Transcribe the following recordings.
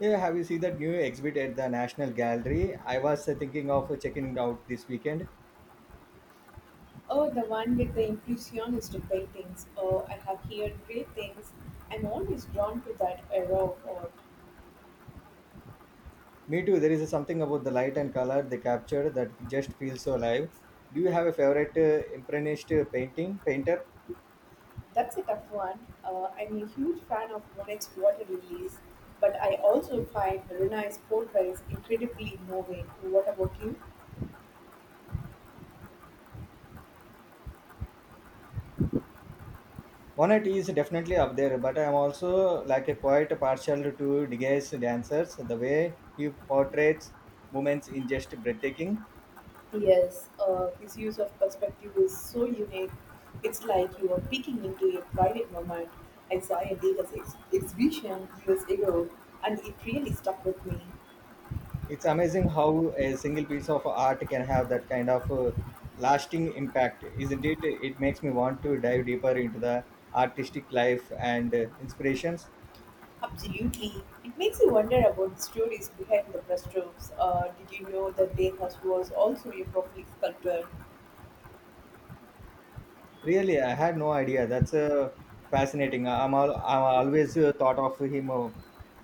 Yeah, have you seen that new exhibit at the National Gallery? I was thinking of checking it out this weekend. Oh, the one with the impressionist paintings. Oh, I have heard great things. I'm always drawn to that era of art. Me too. There is something about the light and color they captured that just feels so alive. Do you have a favorite impressionist painting painter? That's a tough one. I'm a huge fan of Monet's water lilies, but I also find Rena's portraits incredibly moving. What about you? Monet is definitely up there, but I'm also like a quite partial to Degas dancers. The way he portrays movements in just breathtaking. Yes, his use of perspective is so unique. It's like you are peeking into a private moment. I saw a exhibition years ago, and it really stuck with me. It's amazing how a single piece of art can have that kind of lasting impact, isn't it? It makes me want to dive deeper into the artistic life and inspirations. Absolutely. It makes you wonder about the stories behind the brushstrokes. Did you know that Degas was also a prolific sculptor? Really, I had no idea. That's fascinating. I'm always thought of him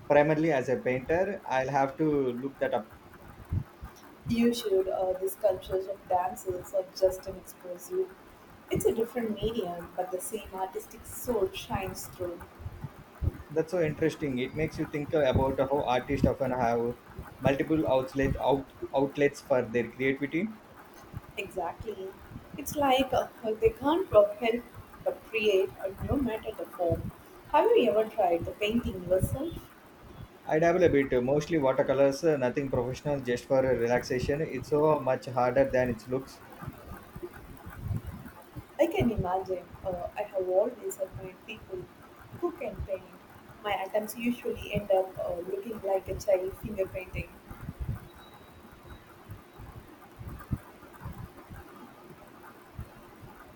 primarily as a painter. I'll have to look that up. You should. The sculptures of dancers are just an explosive. It's a different medium, but the same artistic soul shines through. That's so interesting. It makes you think about how artists often have multiple outlets for their creativity. Exactly. It's like they can't help but create, no matter the form. Have you ever tried the painting yourself? I dabble a bit, mostly watercolors, nothing professional, just for relaxation. It's so much harder than it looks. I can imagine. I have always admired people who can paint. My attempts usually end up looking like a child finger painting.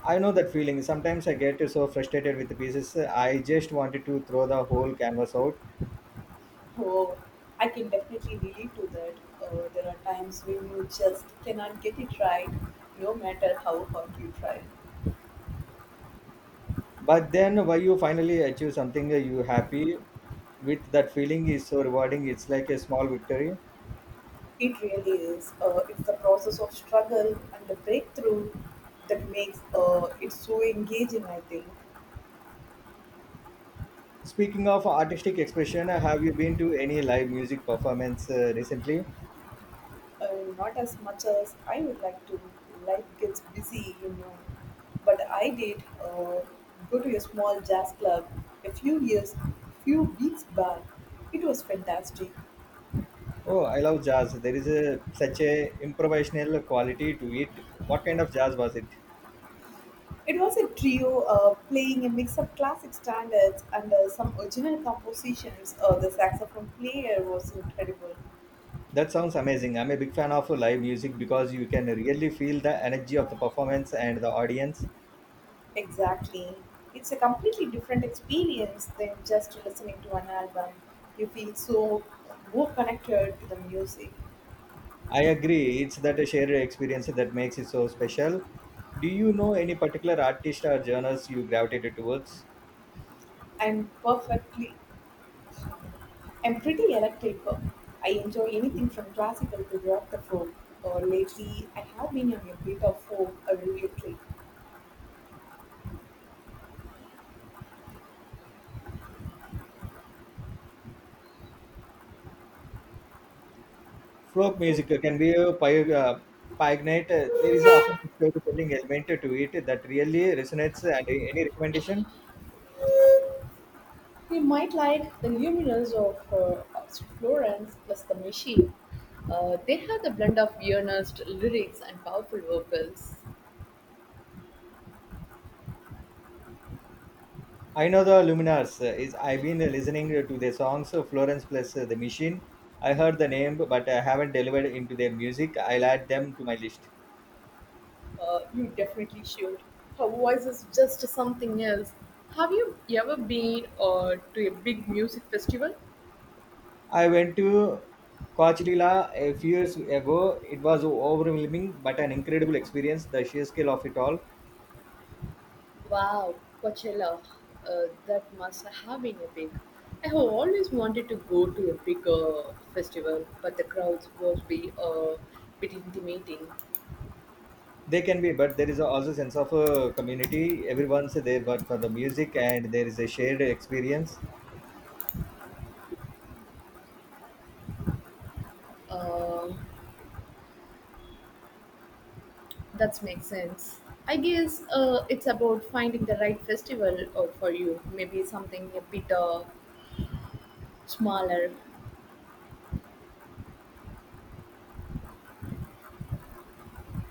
I know that feeling. Sometimes I get so frustrated with the pieces, I just wanted to throw the whole canvas out. Oh, I can definitely relate to that. There are times when you just cannot get it right, no matter how hard you try. But then, when you finally achieve something you happy with, that feeling is so rewarding. It's like a small victory. It really is. It's the process of struggle and the breakthrough that makes it so engaging, I think. Speaking of artistic expression, have you been to any live music performance recently? Not as much as I would like to. Life gets busy, you know. But I did go to a small jazz club a few years, few weeks back. It was fantastic. Oh, I love jazz. There is a such a improvisational quality to it. What kind of jazz was it? It was a trio playing a mix of classic standards and some original compositions. The saxophone player was incredible. That sounds amazing. I'm a big fan of live music because you can really feel the energy of the performance and the audience. Exactly. It's a completely different experience than just listening to an album. You feel so more connected to the music. I agree, it's that shared experience that makes it so special. Do you know any particular artist or genres you gravitated towards? I'm perfectly, I'm pretty electrical. I enjoy anything from classical to rock the folk. Or lately, I have been on a bit of folk or electric. Folk Folk. music can be a pio- Pioneer. There is often a storytelling element to it that really resonates. And any recommendation? You might like the luminous of Florence plus the machine. They have the blend of earnest lyrics and powerful vocals. I know the Luminars. Is I've been listening to their songs, Florence plus the Machine. I heard the name, but I haven't delivered into their music. I'll add them to my list. You definitely should. Her voice is just something else. Have you ever been to a big music festival? I went to Coachella a few years ago. It was overwhelming, but an incredible experience. The sheer scale of it all. Wow, Coachella. That must have been epic. I have always wanted to go to a big festival, but the crowds must be a bit intimidating. They can be, but there is also a sense of community. Everyone's there, but for the music, and there is a shared experience. Uh, that makes sense. I guess it's about finding the right festival for you. Maybe something a bit smaller.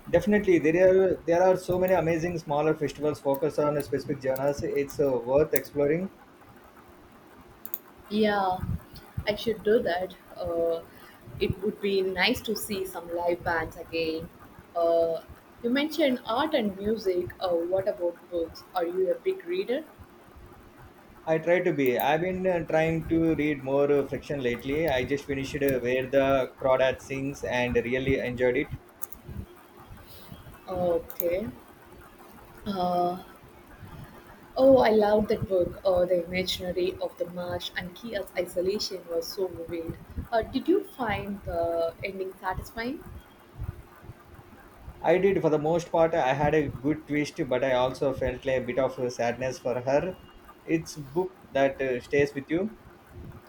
Definitely, there are so many amazing smaller festivals focused on specific genres. It's worth exploring. Yeah, I should do that. It would be nice to see some live bands again. Uh, you mentioned art and music. What about books? Are you a big reader? I try to be. I've been trying to read more fiction lately. I just finished Where the Crawdad Sings and really enjoyed it. Okay. Uh, oh, I loved that book. The imaginary of the marsh and Kia's isolation was so vivid. Did you find the ending satisfying? I did for the most part. I had a good twist, but I also felt like a bit of sadness for her. It's book that stays with you.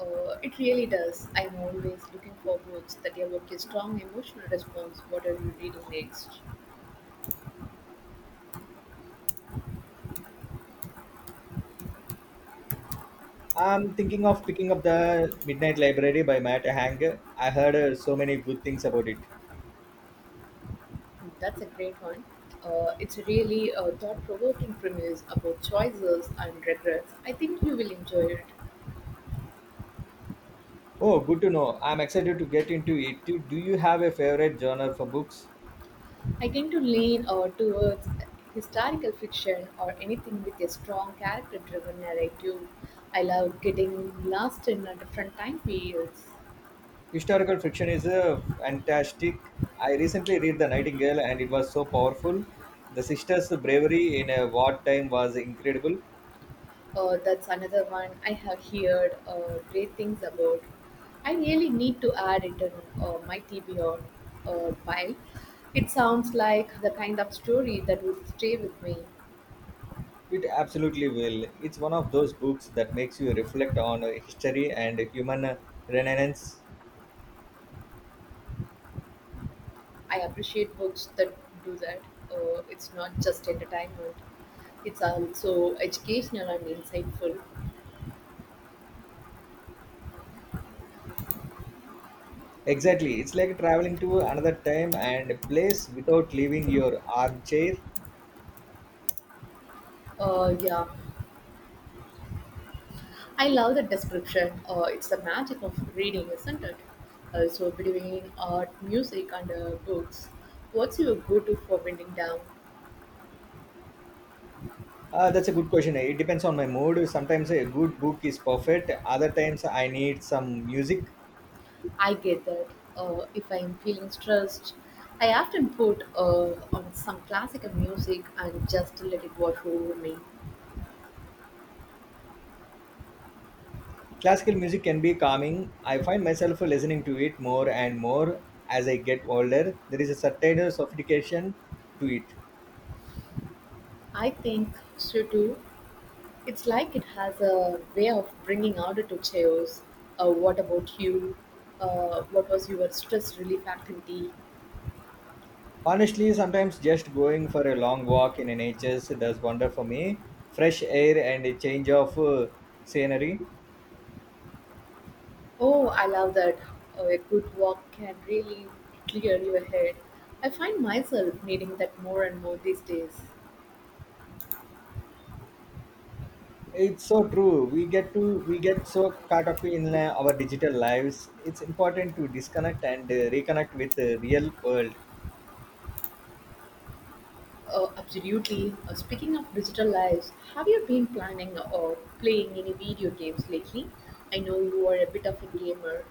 It really does. I'm always looking for books that evoke a strong emotional response. What are you reading next? I'm thinking of picking up the Midnight Library by Matt Hang. I heard so many good things about it. That's a great one. It's a really a thought-provoking premise about choices and regrets. I think you will enjoy it. Oh, good to know. I'm excited to get into it. Do you have a favorite genre for books? I tend to lean towards historical fiction or anything with a strong character-driven narrative. I love getting lost in a different time periods. Historical fiction is a fantastic. I recently read The Nightingale and it was so powerful. The sister's bravery in a wartime was incredible. That's another one I have heard great things about. I really need to add it in my TBR pile. It sounds like the kind of story that would stay with me. It absolutely will. It's one of those books that makes you reflect on history and human renaissance. I appreciate books that do that. It's not just entertainment, it's also educational and insightful. Exactly. It's like traveling to another time and place without leaving your armchair. Yeah, I love the description. It's the magic of reading, isn't it? So between art, music, and books, what's your go-to for winding down? That's a good question. It depends on my mood. Sometimes a good book is perfect. Other times I need some music. I get that. If I'm feeling stressed, I often put on some classical music and just let it wash over me. Classical music can be calming. I find myself listening to it more and more as I get older. There is a certain sophistication to it. I think so too. It's like it has a way of bringing order to chaos. What about you? What was your stress relief activity? Honestly, sometimes just going for a long walk in nature does wonder for me. Fresh air and a change of scenery. Oh, I love that. A good walk can really clear your head. I find myself needing that more and more these days. It's so true. We get so caught up in our digital lives. It's important to disconnect and reconnect with the real world. Absolutely. Speaking of digital lives, have you been planning or playing any video games lately? I know you are a bit of a gamer.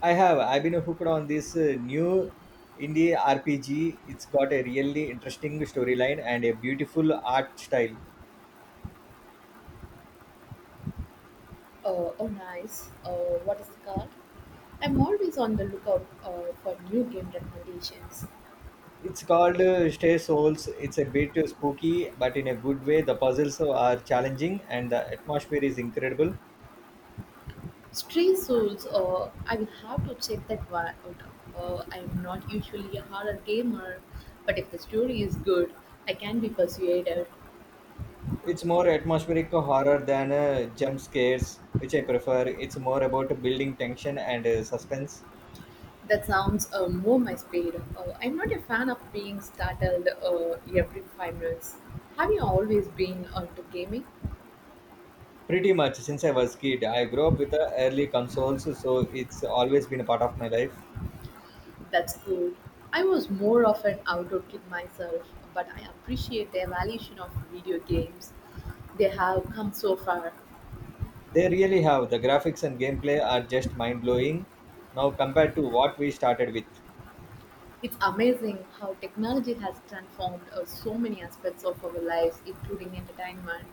I have. I've been hooked on this new indie RPG. It's got a really interesting storyline and a beautiful art style. Oh, nice. What is it called? I'm always on the lookout for new game recommendations. It's called Stay Souls. It's a bit spooky, but in a good way. The puzzles are challenging and the atmosphere is incredible. Street Souls, I will have to check that one out. I am not usually a horror gamer, but if the story is good, I can be persuaded. It's more atmospheric horror than jump scares, which I prefer. It's more about building tension and suspense. That sounds more my speed. I'm not a fan of being startled every 5 minutes. Have you always been onto gaming? Pretty much since I was kid, I grew up with the early consoles, so it's always been a part of my life. That's cool. I was more of an outdoor kid myself, but I appreciate the evolution of video games. They have come so far. They really have. The graphics and gameplay are just mind blowing now compared to what we started with. It's amazing how technology has transformed so many aspects of our lives, including entertainment.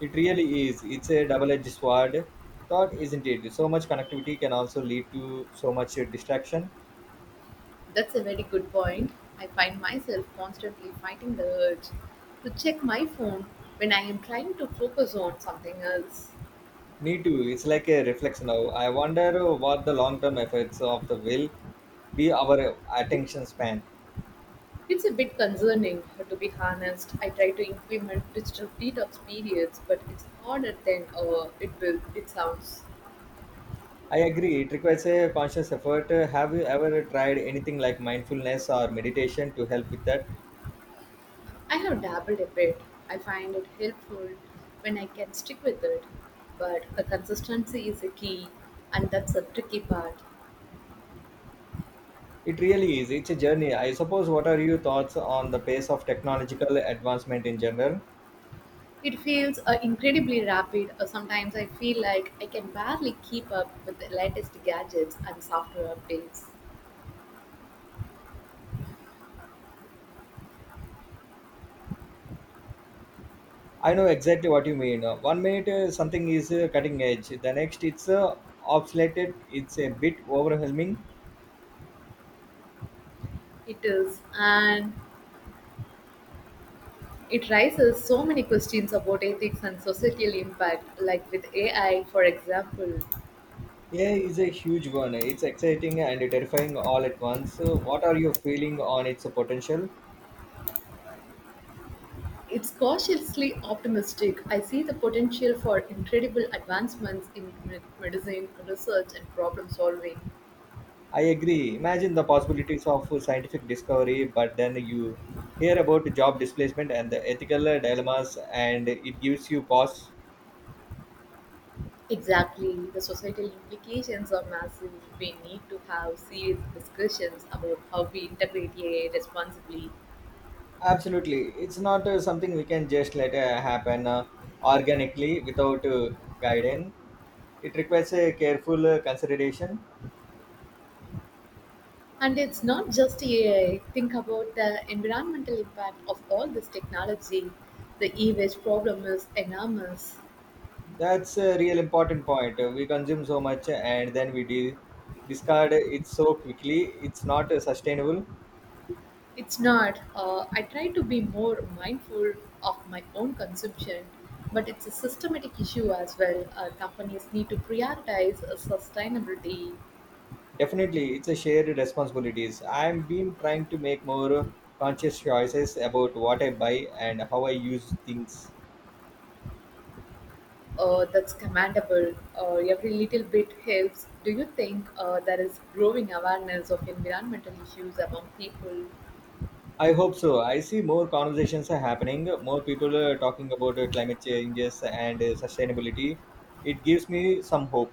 It really is. It's a double edged sword, thought, isn't it? So much connectivity can also lead to so much distraction. That's a very good point. I find myself constantly fighting the urge to check my phone when I am trying to focus on something else. Me too. It's like a reflex now. I wonder what the long term effects of the will be our attention span. It's a bit concerning, to be honest. I try to implement digital detox periods, but it's harder than it will. It sounds. I agree. It requires a conscious effort. Have you ever tried anything like mindfulness or meditation to help with that? I have dabbled a bit. I find it helpful when I can stick with it, but the consistency is a key, and that's the tricky part. It really is. It's a journey. I suppose what are your thoughts on the pace of technological advancement in general? It feels incredibly rapid. Sometimes I feel like I can barely keep up with the latest gadgets and software updates. I know exactly what you mean. One minute something is cutting edge, the next it's obsolete, it's a bit overwhelming. It is, and it raises so many questions about ethics and societal impact, like with AI, for example. Yeah, is a huge one. It's exciting and terrifying all at once. So what are your feeling on its potential? It's cautiously optimistic; I see the potential for incredible advancements in medicine, research, and problem solving. I agree. Imagine the possibilities of scientific discovery, but then you hear about job displacement and the ethical dilemmas, and it gives you pause. Exactly. The societal implications are massive. We need to have serious discussions about how we integrate AI responsibly. Absolutely. It's not something we can just let happen organically without guidance. It requires a careful consideration. And it's not just AI. Think about the environmental impact of all this technology. The e waste problem is enormous. That's a real important point. We consume so much and then discard it so quickly. It's not sustainable. It's not. I try to be more mindful of my own consumption, but it's a systematic issue as well. Companies need to prioritize sustainability. Definitely, it's a shared responsibilities. I've been trying to make more conscious choices about what I buy and how I use things. That's commendable. Every little bit helps. Do you think there is growing awareness of environmental issues among people? I hope so. I see more conversations are happening, more people are talking about climate changes and sustainability. It gives me some hope.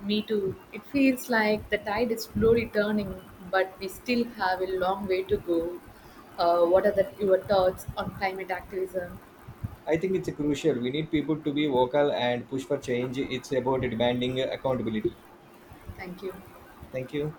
Me too. It feels like the tide is slowly turning, but we still have a long way to go. Your thoughts on climate activism? I think it's crucial. We need people to be vocal and push for change. It's about demanding accountability. Thank you. Thank you.